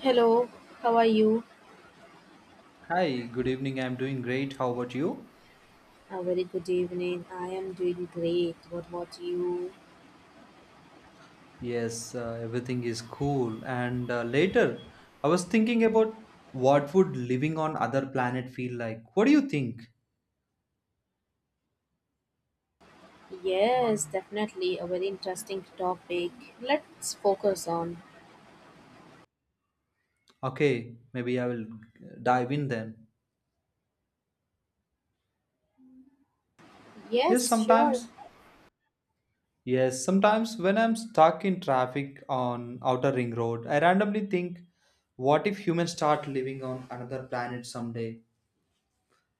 Hello, how are you? Hi, good evening. I'm doing great. How about you? A very good evening. I am doing great. What about you? Yes, everything is cool. I was thinking about what would living on other planet feel like. What do you think? Yes, definitely a very interesting topic. Let's focus on. Okay, maybe I will dive in then. Yes, Yes, sure. sometimes. Yes, sometimes when I'm stuck in traffic on Outer Ring Road, I randomly think, what if humans start living on another planet someday,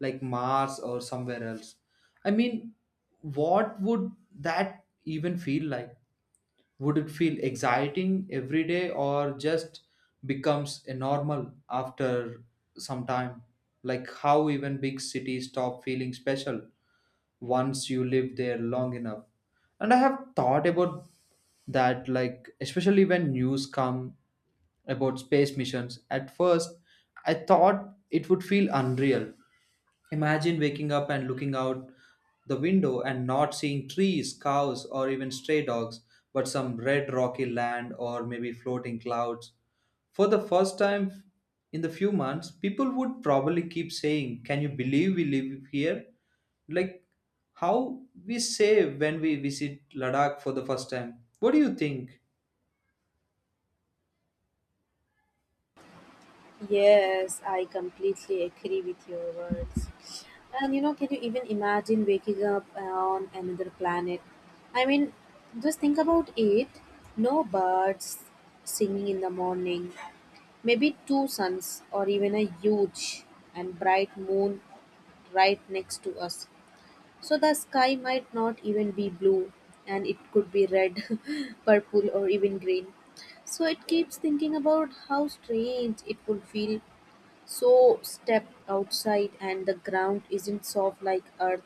like Mars or somewhere else? I mean, what would that even feel like? Would it feel exciting every day or just becomes a normal after some time? Like how even big cities stop feeling special once you live there long enough. And I have thought about that, like, especially when news come about space missions. At first, I thought it would feel unreal. Imagine waking up and looking out the window and not seeing trees, cows, or even stray dogs, but some red rocky land or maybe floating clouds. For the first time in the few months, people would probably keep saying, "Can you believe we live here?" Like how we say when we visit Ladakh for the first time. What do you think? Yes, I completely agree with your words. And you know, can you even imagine waking up on another planet? I mean, just think about it. No birds singing in the morning, maybe two suns or even a huge and bright moon right next to us. So the sky might not even be blue and it could be red, purple, or even green. So it keeps thinking about how strange it would feel so step outside and the ground isn't soft like earth.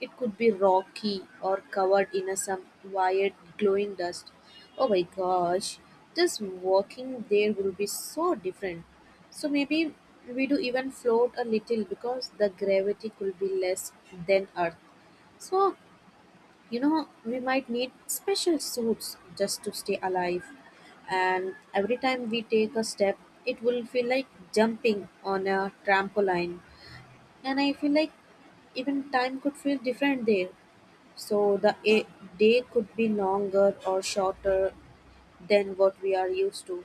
It could be rocky or covered in a some weird glowing dust. Oh my gosh, just walking there will be so different. So maybe we do even float a little because the gravity could be less than earth. So you know we might need special suits just to stay alive, and every time we take a step it will feel like jumping on a trampoline. And I feel like even time could feel different there, so the day could be longer or shorter than what we are used to,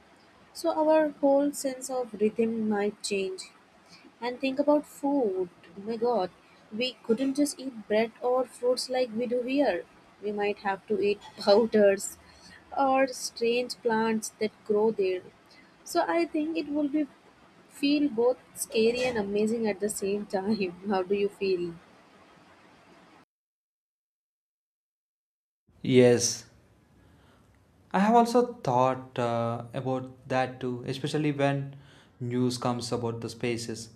so our whole sense of rhythm might change. And think about food. Oh my god, we couldn't just eat bread or fruits like we do here. We might have to eat powders or strange plants that grow there. So I think it will be feel both scary and amazing at the same time. How do you feel? Yes, I have also thought about that too, especially when news comes about the spaces.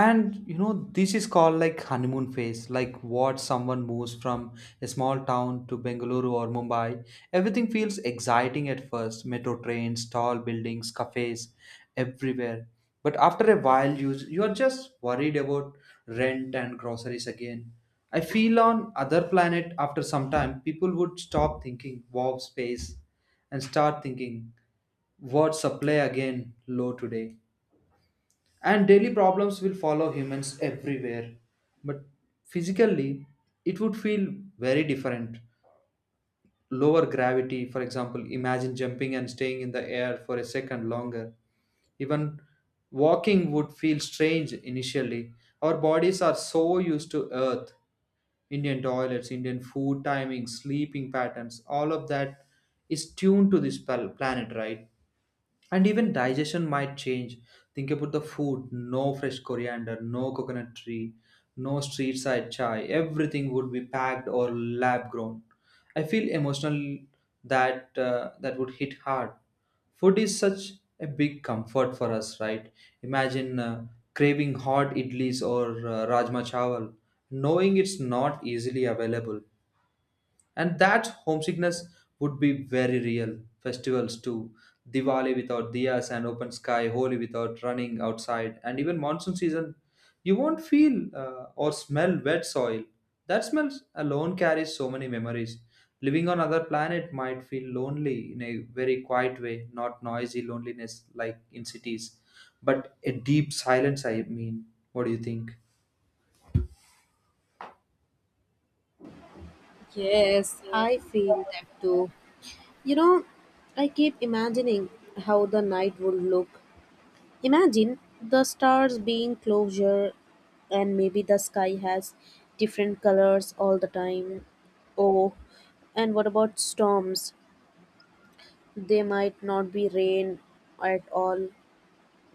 And you know this is called like honeymoon phase, like what someone moves from a small town to Bengaluru or Mumbai, everything feels exciting at first, metro trains, tall buildings, cafes everywhere. But after a while you are just worried about rent and groceries again. I feel on other planet after some time people would stop thinking warp space and start thinking what supply again low today, and daily problems will follow humans everywhere. But physically it would feel very different. Lower gravity, for example, imagine jumping and staying in the air for a second longer. Even walking would feel strange initially. Our bodies are so used to earth, Indian toilets, Indian food timing, sleeping patterns, all of that is tuned to this planet, right? And even digestion might change. Think about the food, no fresh coriander, no coconut tree, no street side chai, everything would be packed or lab grown. I feel emotional that that would hit hard. Food is such a big comfort for us, right? Imagine craving hot idlis or rajma chawal, knowing it's not easily available. And that homesickness would be very real. Festivals too, Diwali without diyas and open sky, Holi without running outside, and even monsoon season, you won't feel or smell wet soil. That smell alone carries so many memories. Living on other planet might feel lonely in a very quiet way, not noisy loneliness like in cities, but a deep silence. I mean, what do you think? Yes, I feel that too. You know, I keep imagining how the night would look. Imagine the stars being closer and maybe the sky has different colors all the time. Oh, and what about storms? They might not be rain at all.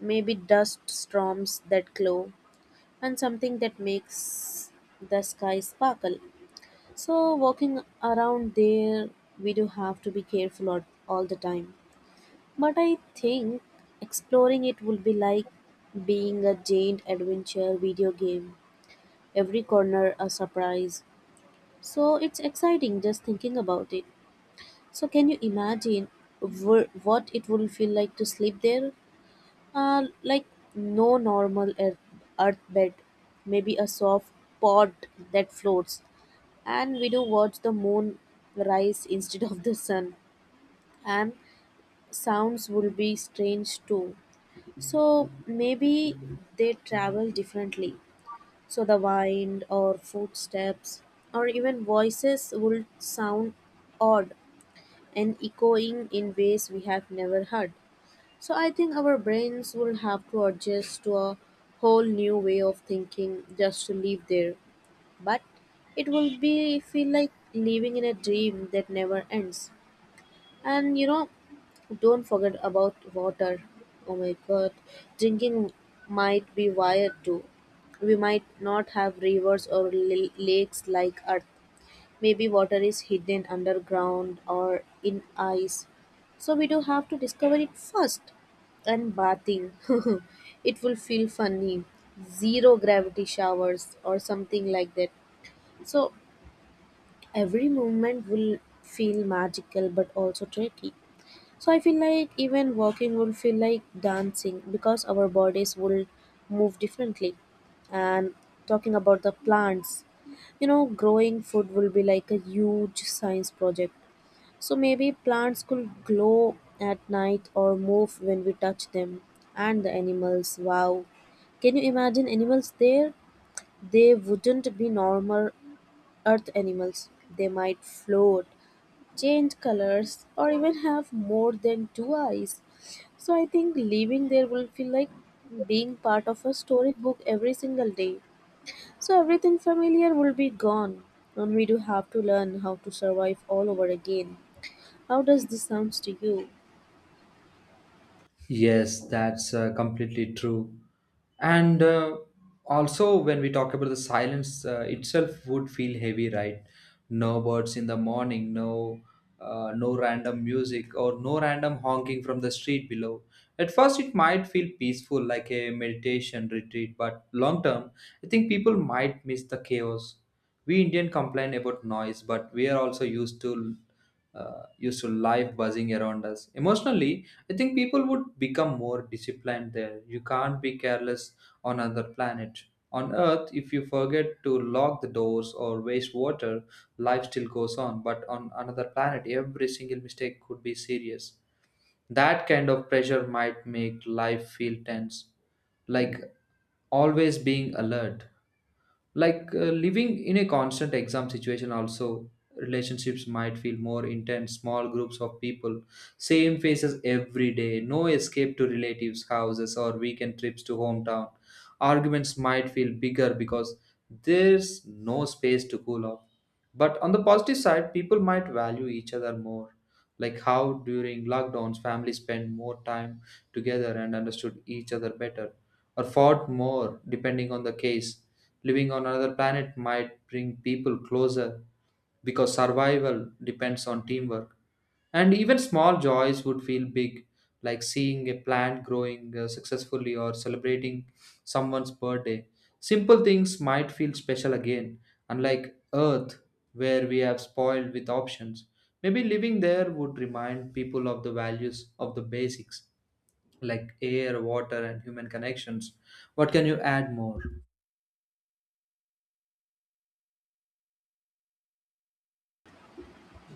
Maybe dust storms that glow and something that makes the sky sparkle. So walking around there we do have to be careful all the time. But I think exploring it would be like being a giant adventure video game. Every corner a surprise. So it's exciting just thinking about it. So can you imagine what it will feel like to sleep there? Like no normal earth, earth bed, maybe a soft pod that floats, and we do watch the moon rise instead of the sun. And sounds will be strange too. So maybe they travel differently. So the wind or footsteps or even voices would sound odd and echoing in ways we have never heard. So I think our brains will have to adjust to a whole new way of thinking just to live there. But it will be feel like living in a dream that never ends. And you know, don't forget about water. Oh my god, drinking might be wired too. We might not have rivers or lakes like Earth. Maybe water is hidden underground or in ice. So we do have to discover it first. And bathing, it will feel funny. Zero gravity showers or something like that. So every movement will feel magical but also tricky. So I feel like even walking would feel like dancing because our bodies will move differently. And talking about the plants, you know, growing food will be like a huge science project. So maybe plants could glow at night or move when we touch them. And the animals, wow. Can you imagine animals there? They wouldn't be normal earth animals. They might float, change colors, or even have more than two eyes. So I think living there will feel like being part of a storybook every single day. So everything familiar will be gone, and we do have to learn how to survive all over again. How does this sounds to you? Yes, that's completely true. And also, when we talk about the silence itself, would feel heavy, right? No birds in the morning, no, no random music, or no random honking from the street below. At first, it might feel peaceful, like a meditation retreat, but long term, I think people might miss the chaos. We Indian complain about noise, but we are also used to life buzzing around us. Emotionally, I think people would become more disciplined there. You can't be careless on other planet. On Earth, if you forget to lock the doors or waste water, life still goes on. But on another planet, every single mistake could be serious. That kind of pressure might make life feel tense, like always being alert, like living in a constant exam situation. Also relationships might feel more intense, small groups of people, same faces every day, no escape to relatives houses or weekend trips to hometown. Arguments might feel bigger because there's no space to cool off. But on the positive side, people might value each other more, like how during lockdowns families spend more time together and understood each other better, or fought more, depending on the case. Living on another planet might bring people closer because survival depends on teamwork. And even small joys would feel big, like seeing a plant growing successfully or celebrating someone's birthday. Simple things might feel special again, unlike Earth, where we have spoiled with options. Maybe living there would remind people of the values of the basics like air, water, and human connections. What can you add more?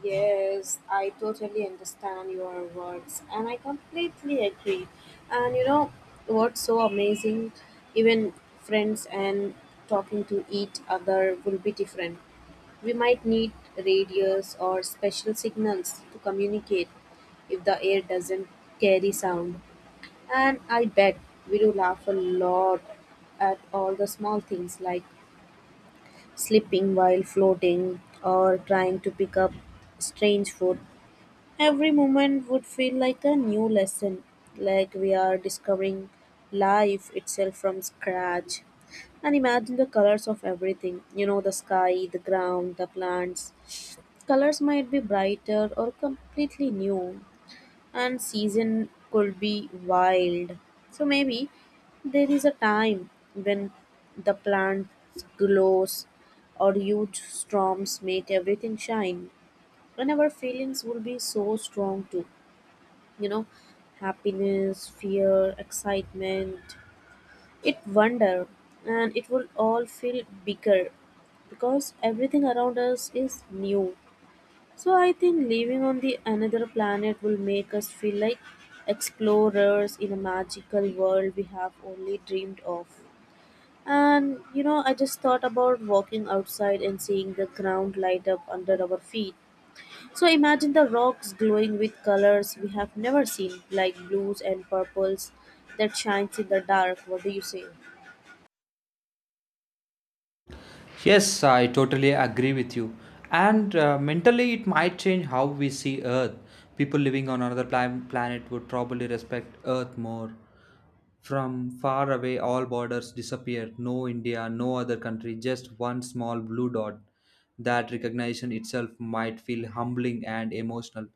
Yes, I totally understand your words and I completely agree. And you know what's so amazing? Even friends and talking to each other will be different. We might need radios or special signals to communicate if the air doesn't carry sound. And I bet we do laugh a lot at all the small things, like slipping while floating or trying to pick up strange food. Every moment would feel like a new lesson, like we are discovering life itself from scratch. And imagine the colors of everything, you know, the sky, the ground, the plants. Colors might be brighter or completely new, and season could be wild. So maybe there is a time when the plants glows or huge storms make everything shine. And our feelings will be so strong too. You know, happiness, fear, excitement, it wonder, and it will all feel bigger because everything around us is new. So I think living on the another planet will make us feel like explorers in a magical world we have only dreamed of. And you know, I just thought about walking outside and seeing the ground light up under our feet. So imagine the rocks glowing with colors we have never seen, like blues and purples that shines in the dark. What do you say? Yes, I totally agree with you. And mentally, it might change how we see Earth. People living on another planet would probably respect Earth more. From far away, all borders disappear. No India, no other country, just one small blue dot. That recognition itself might feel humbling and emotional.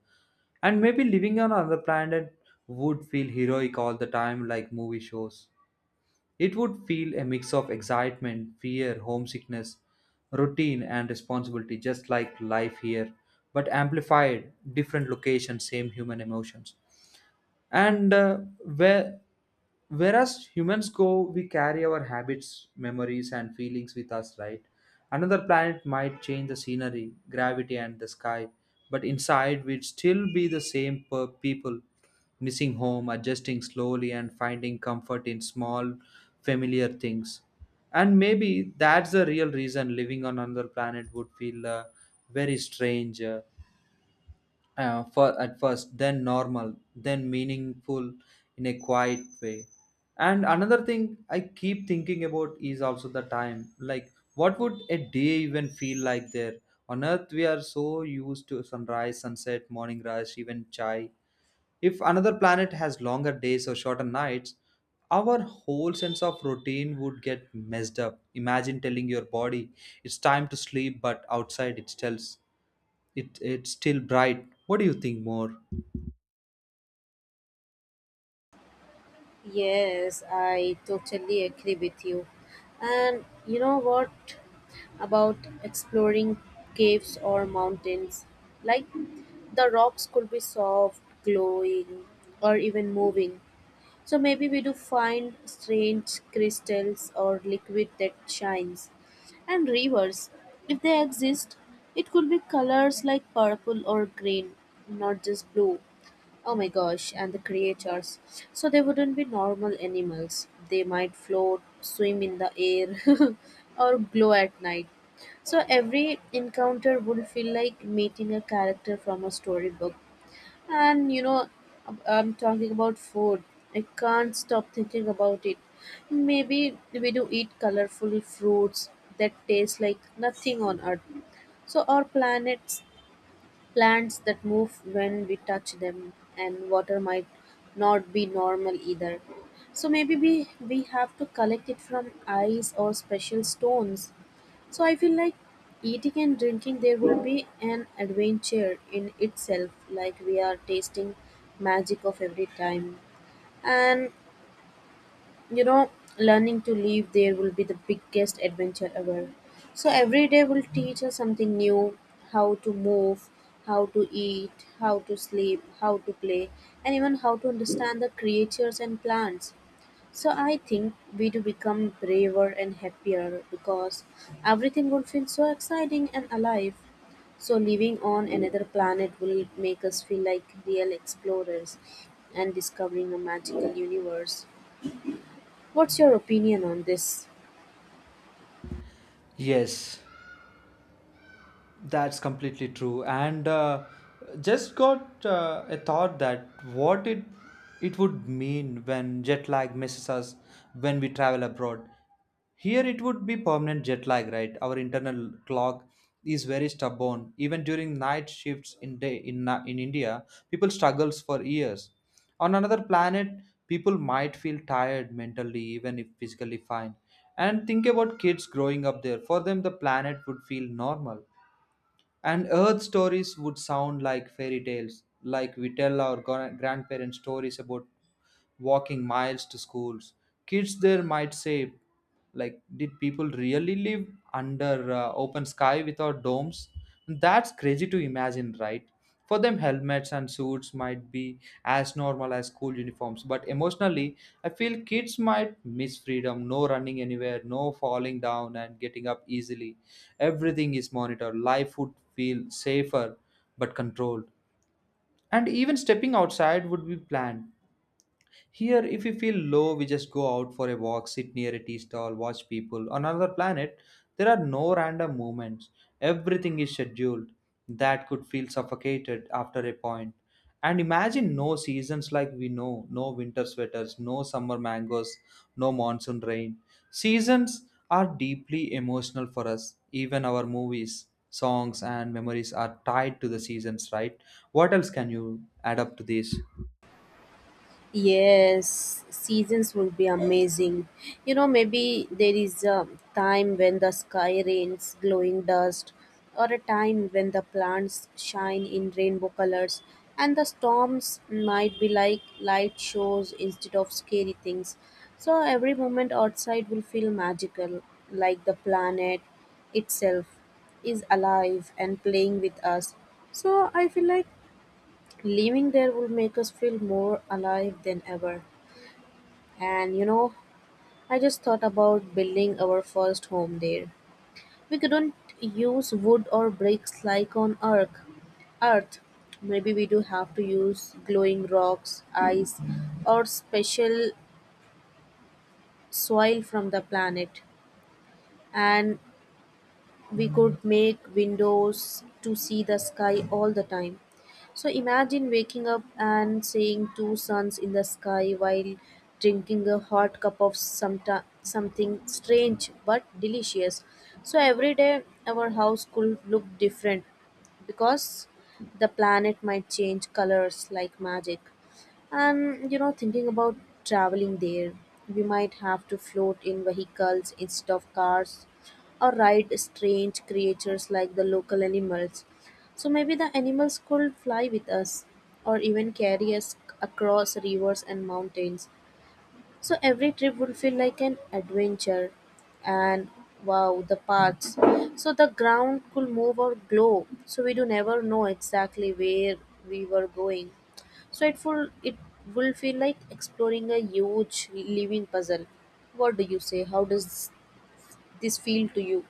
And maybe living on another planet would feel heroic all the time, like movie shows. It would feel a mix of excitement, fear, homesickness, routine, and responsibility, just like life here, but amplified, different location, same human emotions. And where whereas humans go, we carry our habits, memories and feelings with us, right? Another planet might change the scenery, gravity and the sky, but inside we'd still be the same per people, missing home, adjusting slowly and finding comfort in small familiar things. And maybe that's the real reason living on another planet would feel very strange. For at first, then normal, then meaningful in a quiet way. And another thing I keep thinking about is also the time. Like, what would a day even feel like there? On Earth, we are so used to sunrise, sunset, morning rush, even chai. If another planet has longer days or shorter nights, our whole sense of routine would get messed up. Imagine telling your body it's time to sleep, but outside it tells it's still bright. What do you think more? Yes, I totally agree with you. And you know, what about exploring caves or mountains? Like the rocks could be soft, glowing, or even moving. So maybe we do find strange crystals or liquid that shines. And rivers, if they exist, it could be colors like purple or green, not just blue. Oh my gosh, and the creatures. So they wouldn't be normal animals. They might float, swim in the air, or glow at night. So every encounter would feel like meeting a character from a storybook. And you know, I'm talking about food. I can't stop thinking about it. Maybe we do eat colorful fruits that taste like nothing on earth. So our planets. Plants that move when we touch them, and water might not be normal either. So maybe we have to collect it from ice or special stones. So I feel like eating and drinking there will be an adventure in itself, like we are tasting magic of every time. And you know, learning to live there will be the biggest adventure ever. So every day will teach us something new: how to move, how to eat, how to sleep, how to play, and even how to understand the creatures and plants. So I think we do become braver and happier because everything will feel so exciting and alive. So living on another planet will make us feel like real explorers and discovering a magical universe. What's your opinion on this? Yes, that's completely true. And just got a thought that what it would mean when jet lag misses us when we travel abroad. Here it would be permanent jet lag, right? Our internal clock is very stubborn. Even during night shifts in day in India, people struggles for years. On another planet, people might feel tired mentally, even if physically fine. And think about kids growing up there. For them, the planet would feel normal and Earth stories would sound like fairy tales, like we tell our grandparents stories about walking miles to schools. Kids there might say, like, did people really live under open sky without domes? That's crazy to imagine, right? For them, helmets and suits might be as normal as school uniforms, but emotionally, I feel kids might miss freedom, no running anywhere, no falling down and getting up easily. Everything is monitored. Life would feel safer but controlled. And even stepping outside would be planned. Here, if we feel low, we just go out for a walk, sit near a tea stall, watch people. On another planet, there are no random movements. Everything is scheduled. That could feel suffocated after a point. And imagine no seasons like we know, no winter sweaters, no summer mangoes, no monsoon rain. Seasons are deeply emotional for us. Even our movies, songs, and memories are tied to the seasons, right? What else can you add up to this? Yes, seasons will be amazing. You know, maybe there is a time when the sky rains glowing dust, or a time when the plants shine in rainbow colors, and the storms might be like light shows instead of scary things. So, every moment outside will feel magical, like the planet itself is alive and playing with us. So I feel like living there will make us feel more alive than ever. And you know, I just thought about building our first home there. We couldn't use wood or bricks like on Earth. Earth. Maybe we do have to use glowing rocks, ice, or special soil from the planet. And we could make windows to see the sky all the time. So imagine waking up and seeing two suns in the sky while drinking a hot cup of something strange but delicious. So every day our house could look different because the planet might change colors like magic. And you know, thinking about traveling there, we might have to float in vehicles instead of cars or ride strange creatures like the local animals. So maybe the animals could fly with us or even carry us across rivers and mountains. So every trip would feel like an adventure. And wow, the paths. So the ground could move or glow. So we do never know exactly where we were going. So it will feel like exploring a huge living puzzle. What do you say? How does this feel to you?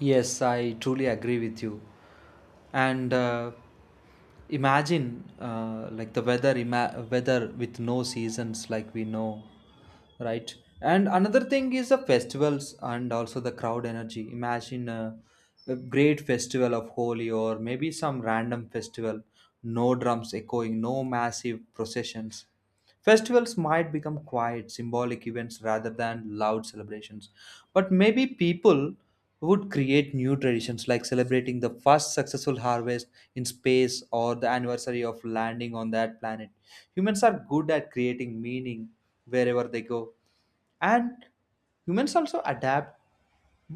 Yes, I truly agree with you. And imagine weather with no seasons like we know, right? And another thing is the festivals and also the crowd energy. Imagine a great festival of Holi or maybe some random festival, no drums echoing, no massive processions. Festivals might become quiet, symbolic events rather than loud celebrations. But maybe people would create new traditions like celebrating the first successful harvest in space or the anniversary of landing on that planet. Humans are good at creating meaning wherever they go, and humans also adapt.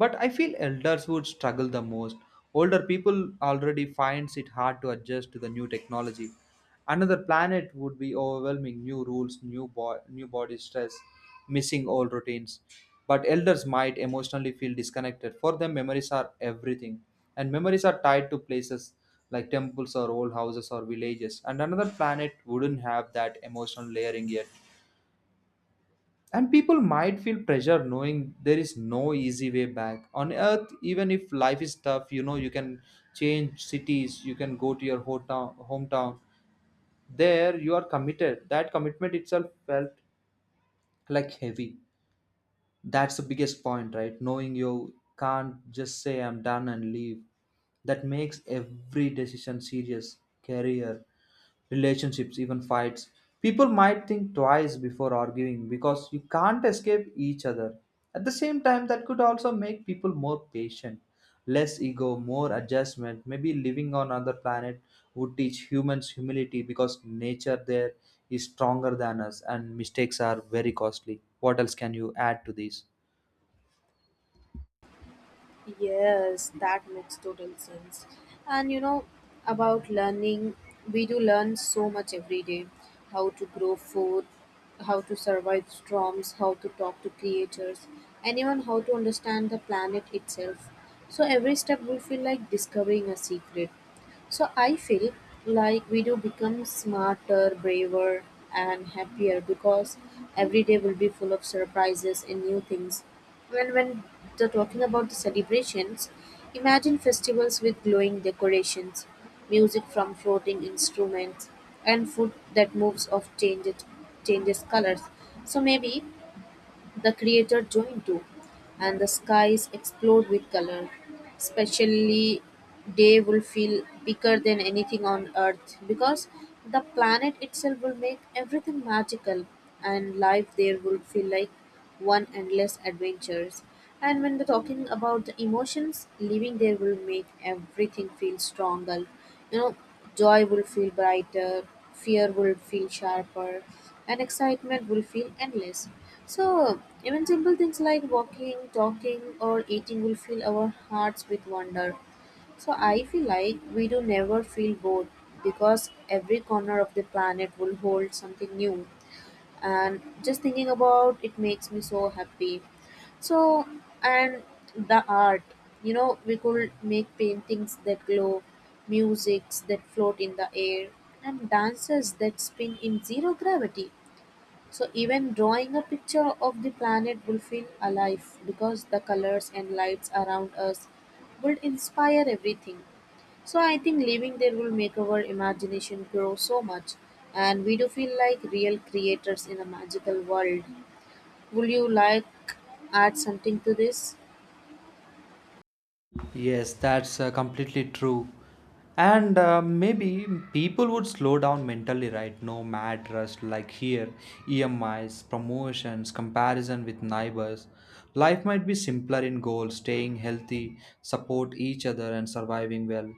But I feel elders would struggle the most. Older people already finds it hard to adjust to the new technology. Another planet would be overwhelming, new rules, new new body stress, missing old routines. But elders might emotionally feel disconnected. For them memories are everything, and memories are tied to places like temples or old houses or villages, and another planet wouldn't have that emotional layering yet. And people might feel pressure knowing there is no easy way back. On earth, even if life is tough, you know, you can change cities, you can go to your hometown. There, you are committed. That commitment itself felt like heavy. That's the biggest point, right? Knowing you can't just say, "I'm done" and leave. That makes every decision serious. Career, relationships, even fights. People might think twice before arguing because you can't escape each other. At the same time, that could also make people more patient, less ego, more adjustment. Maybe living on another planet would teach humans humility because nature there is stronger than us and mistakes are very costly. What else can you add to this? Yes, that makes total sense. And you know, about learning, we do learn so much every day: how to grow food, how to survive storms, how to talk to creatures, and even how to understand the planet itself. So every step will feel like discovering a secret. So I feel like we do become smarter, braver, and happier because every day will be full of surprises and new things. And when the talking about the celebrations, imagine festivals with glowing decorations, music from floating instruments, and food that moves of changes colors. So maybe the creator join too, and the skies explode with color. Especially, day will feel bigger than anything on earth because the planet itself will make everything magical, and life there will feel like one endless adventures. And when we're talking about the emotions, living there will make everything feel stronger. You know, joy will feel brighter, fear will feel sharper, and excitement will feel endless. So, even simple things like walking, talking, or eating will fill our hearts with wonder. So, I feel like we do never feel bored because every corner of the planet will hold something new. And just thinking about it makes me so happy. So, and the art, you know, we could make paintings that glow, musics that float in the air, and dances that spin in zero gravity. So even drawing a picture of the planet will feel alive because the colors and lights around us will inspire everything. So I think living there will make our imagination grow so much and we do feel like real creators in a magical world. Would you like add something to this? Yes, that's completely true. And maybe people would slow down mentally, right? No mad rush like here, EMIs, promotions, comparison with neighbors. Life might be simpler in goals, staying healthy, support each other, and surviving well.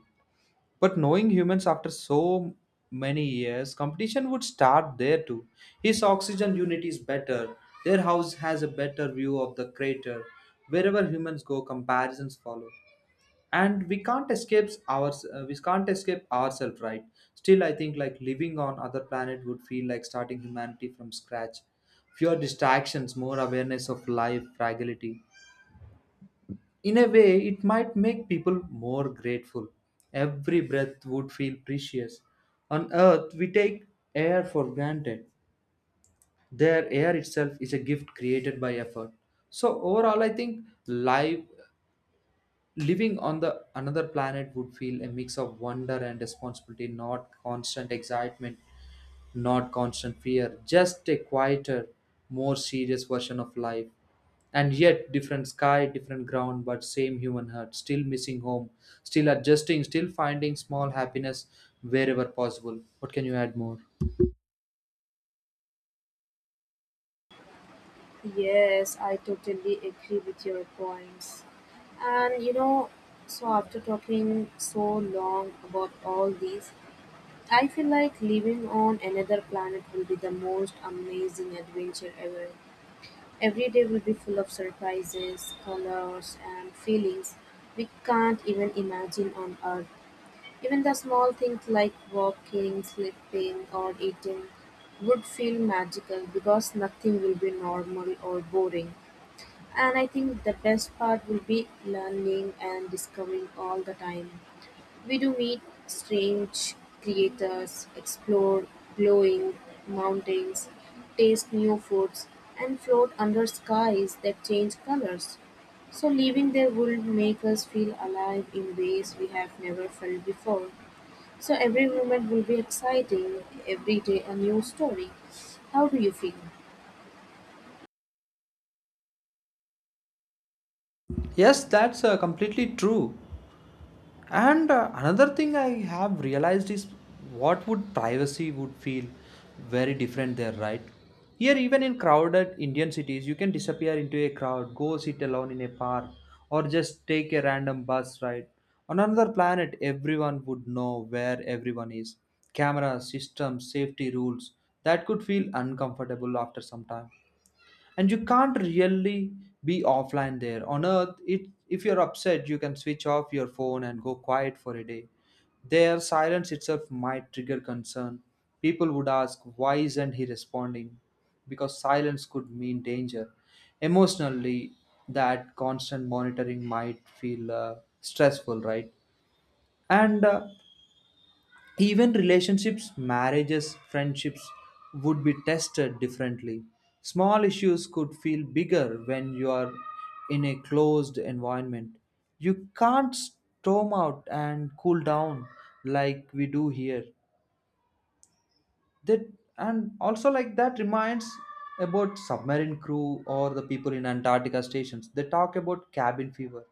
But knowing humans after so many years, competition would start there too. His oxygen unit is better, their house has a better view of the crater. Wherever humans go, comparisons follow and we can't escape ourselves, right? Still, I think like living on other planet would feel like starting humanity from scratch. Fewer distractions, more awareness of life fragility. In a way, it might make people more grateful. Every breath would feel precious. On earth, we take air for granted. Their air itself is a gift created by effort. So overall I think life Living on the another planet would feel a mix of wonder and responsibility, not constant excitement, not constant fear, just a quieter, more serious version of life. And yet, different sky, different ground, but same human heart, still missing home, still adjusting, still finding small happiness wherever possible. What can you add more? Yes, I totally agree with your points. And you know, so after talking so long about all these, I feel like living on another planet will be the most amazing adventure ever. Every day will be full of surprises, colors, and feelings we can't even imagine on Earth. Even the small things like walking, sleeping, or eating would feel magical because nothing will be normal or boring. And I think the best part will be learning and discovering all the time. We do meet strange creatures, explore glowing mountains, taste new foods, and float under skies that change colors. So, leaving there would make us feel alive in ways we have never felt before. So, every moment will be exciting, every day a new story. How do you feel? Yes, that's completely true. And another thing I have realized is what would privacy would feel very different there, right? Here, even in crowded indian cities, you can disappear into a crowd, go sit alone in a park, or just take a random bus ride. On another planet, everyone would know where everyone is. Cameras systems, safety rules, that could feel uncomfortable after some time. And you can't really be offline there. On earth, it, if you're upset, you can switch off your phone and go quiet for a day. Their silence itself might trigger concern. People would ask, why isn't he responding? Because silence could mean danger. Emotionally, that constant monitoring might feel stressful, right? and even relationships, marriages, friendships would be tested differently. Small issues could feel bigger when you are in a closed environment. You can't storm out and cool down like we do here. That, and also like, that reminds about submarine crew or the people in Antarctica stations. They talk about cabin fever.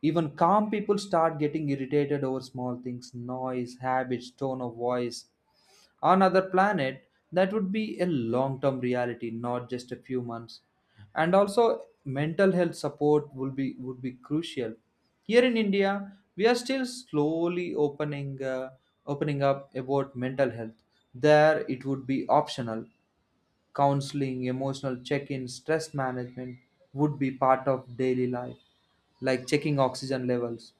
Even calm people start getting irritated over small things, noise, habits, tone of voice. On other planet, that would be a long term reality, not just a few months. And also mental health support will be would be crucial. Here in india, we are still slowly opening up about mental health. There it would be optional. Counseling, emotional check-in, stress management would be part of daily life, like checking oxygen levels.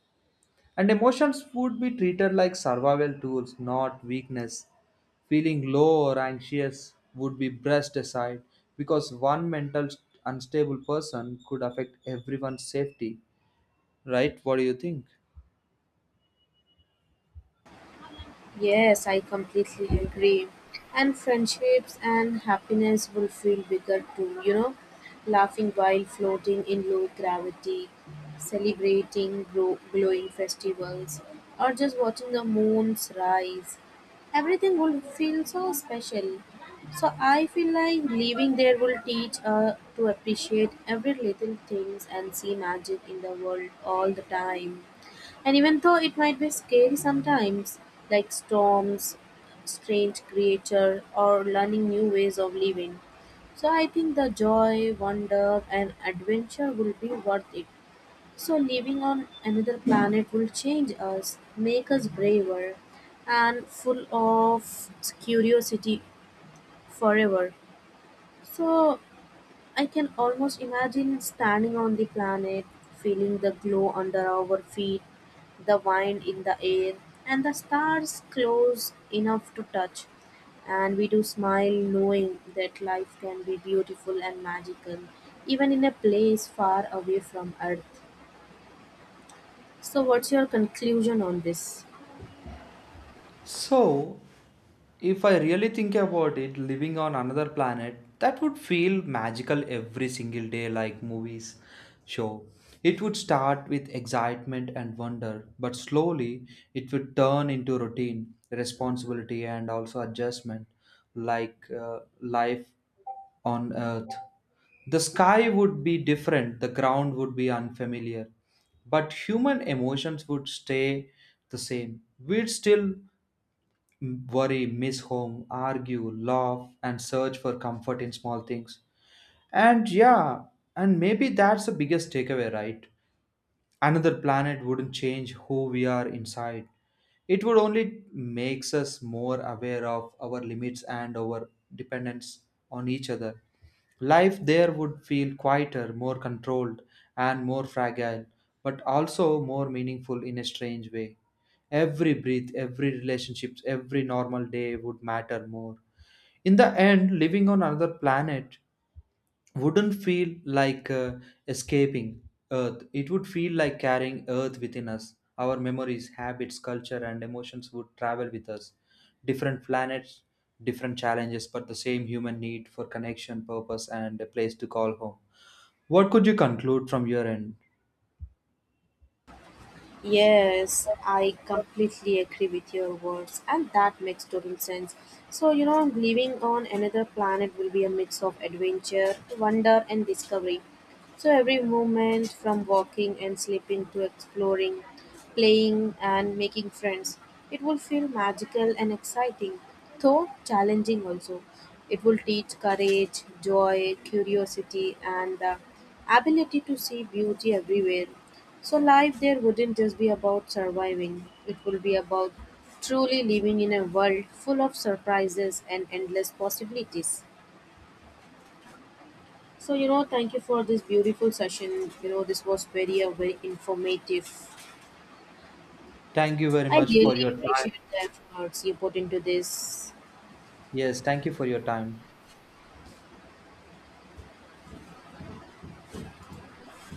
And emotions would be treated like survival tools, not weakness. Feeling low or anxious would be brushed aside because one unstable person could affect everyone's safety. Right? What do you think? Yes, I completely agree. And friendships and happiness will feel bigger too, you know, laughing while floating in low gravity, celebrating glowing festivals, or just watching the moon's rise. Everything will feel so special. So I feel like living there will teach us to appreciate every little things and see magic in the world all the time. And even though it might be scary sometimes, like storms, strange creature, or learning new ways of living. So I think the joy, wonder, and adventure will be worth it. So living on another planet will change us, make us braver, and full of curiosity forever. So I can almost imagine standing on the planet, feeling the glow under our feet, the wind in the air, and the stars close enough to touch. And we do smile knowing that life can be beautiful and magical, even in a place far away from Earth. So, what's your conclusion on this? So, if I really think about it, living on another planet, that would feel magical every single day, like movies show. It would start with excitement and wonder, but slowly it would turn into routine, responsibility, and also adjustment, like life on Earth. The sky would be different, the ground would be unfamiliar, but human emotions would stay the same. We'd still worry, miss home, argue, laugh, and search for comfort in small things. And yeah, and maybe that's the biggest takeaway, right? Another planet wouldn't change who we are inside. It would only makes us more aware of our limits and our dependence on each other. Life there would feel quieter, more controlled, and more fragile, but also more meaningful in a strange way. Every breath, every relationship, every normal day would matter more. In the end, living on another planet wouldn't feel like escaping Earth. It would feel like carrying Earth within us. Our memories, habits, culture, and emotions would travel with us. Different planets, different challenges, but the same human need for connection, purpose, and a place to call home. What could you conclude from your end? Yes, I completely agree with your words, and that makes total sense. So, you know, living on another planet will be a mix of adventure, wonder, and discovery. So every moment from walking and sleeping to exploring, playing and making friends, it will feel magical and exciting, though challenging also. It will teach courage, joy, curiosity, and the ability to see beauty everywhere. So life there wouldn't just be about surviving, it will be about truly living in a world full of surprises and endless possibilities. So, you know, thank you for this beautiful session. You know, this was very, very informative. Thank you very I much for your really time. appreciate the efforts you put into this. Yes, thank you for your time.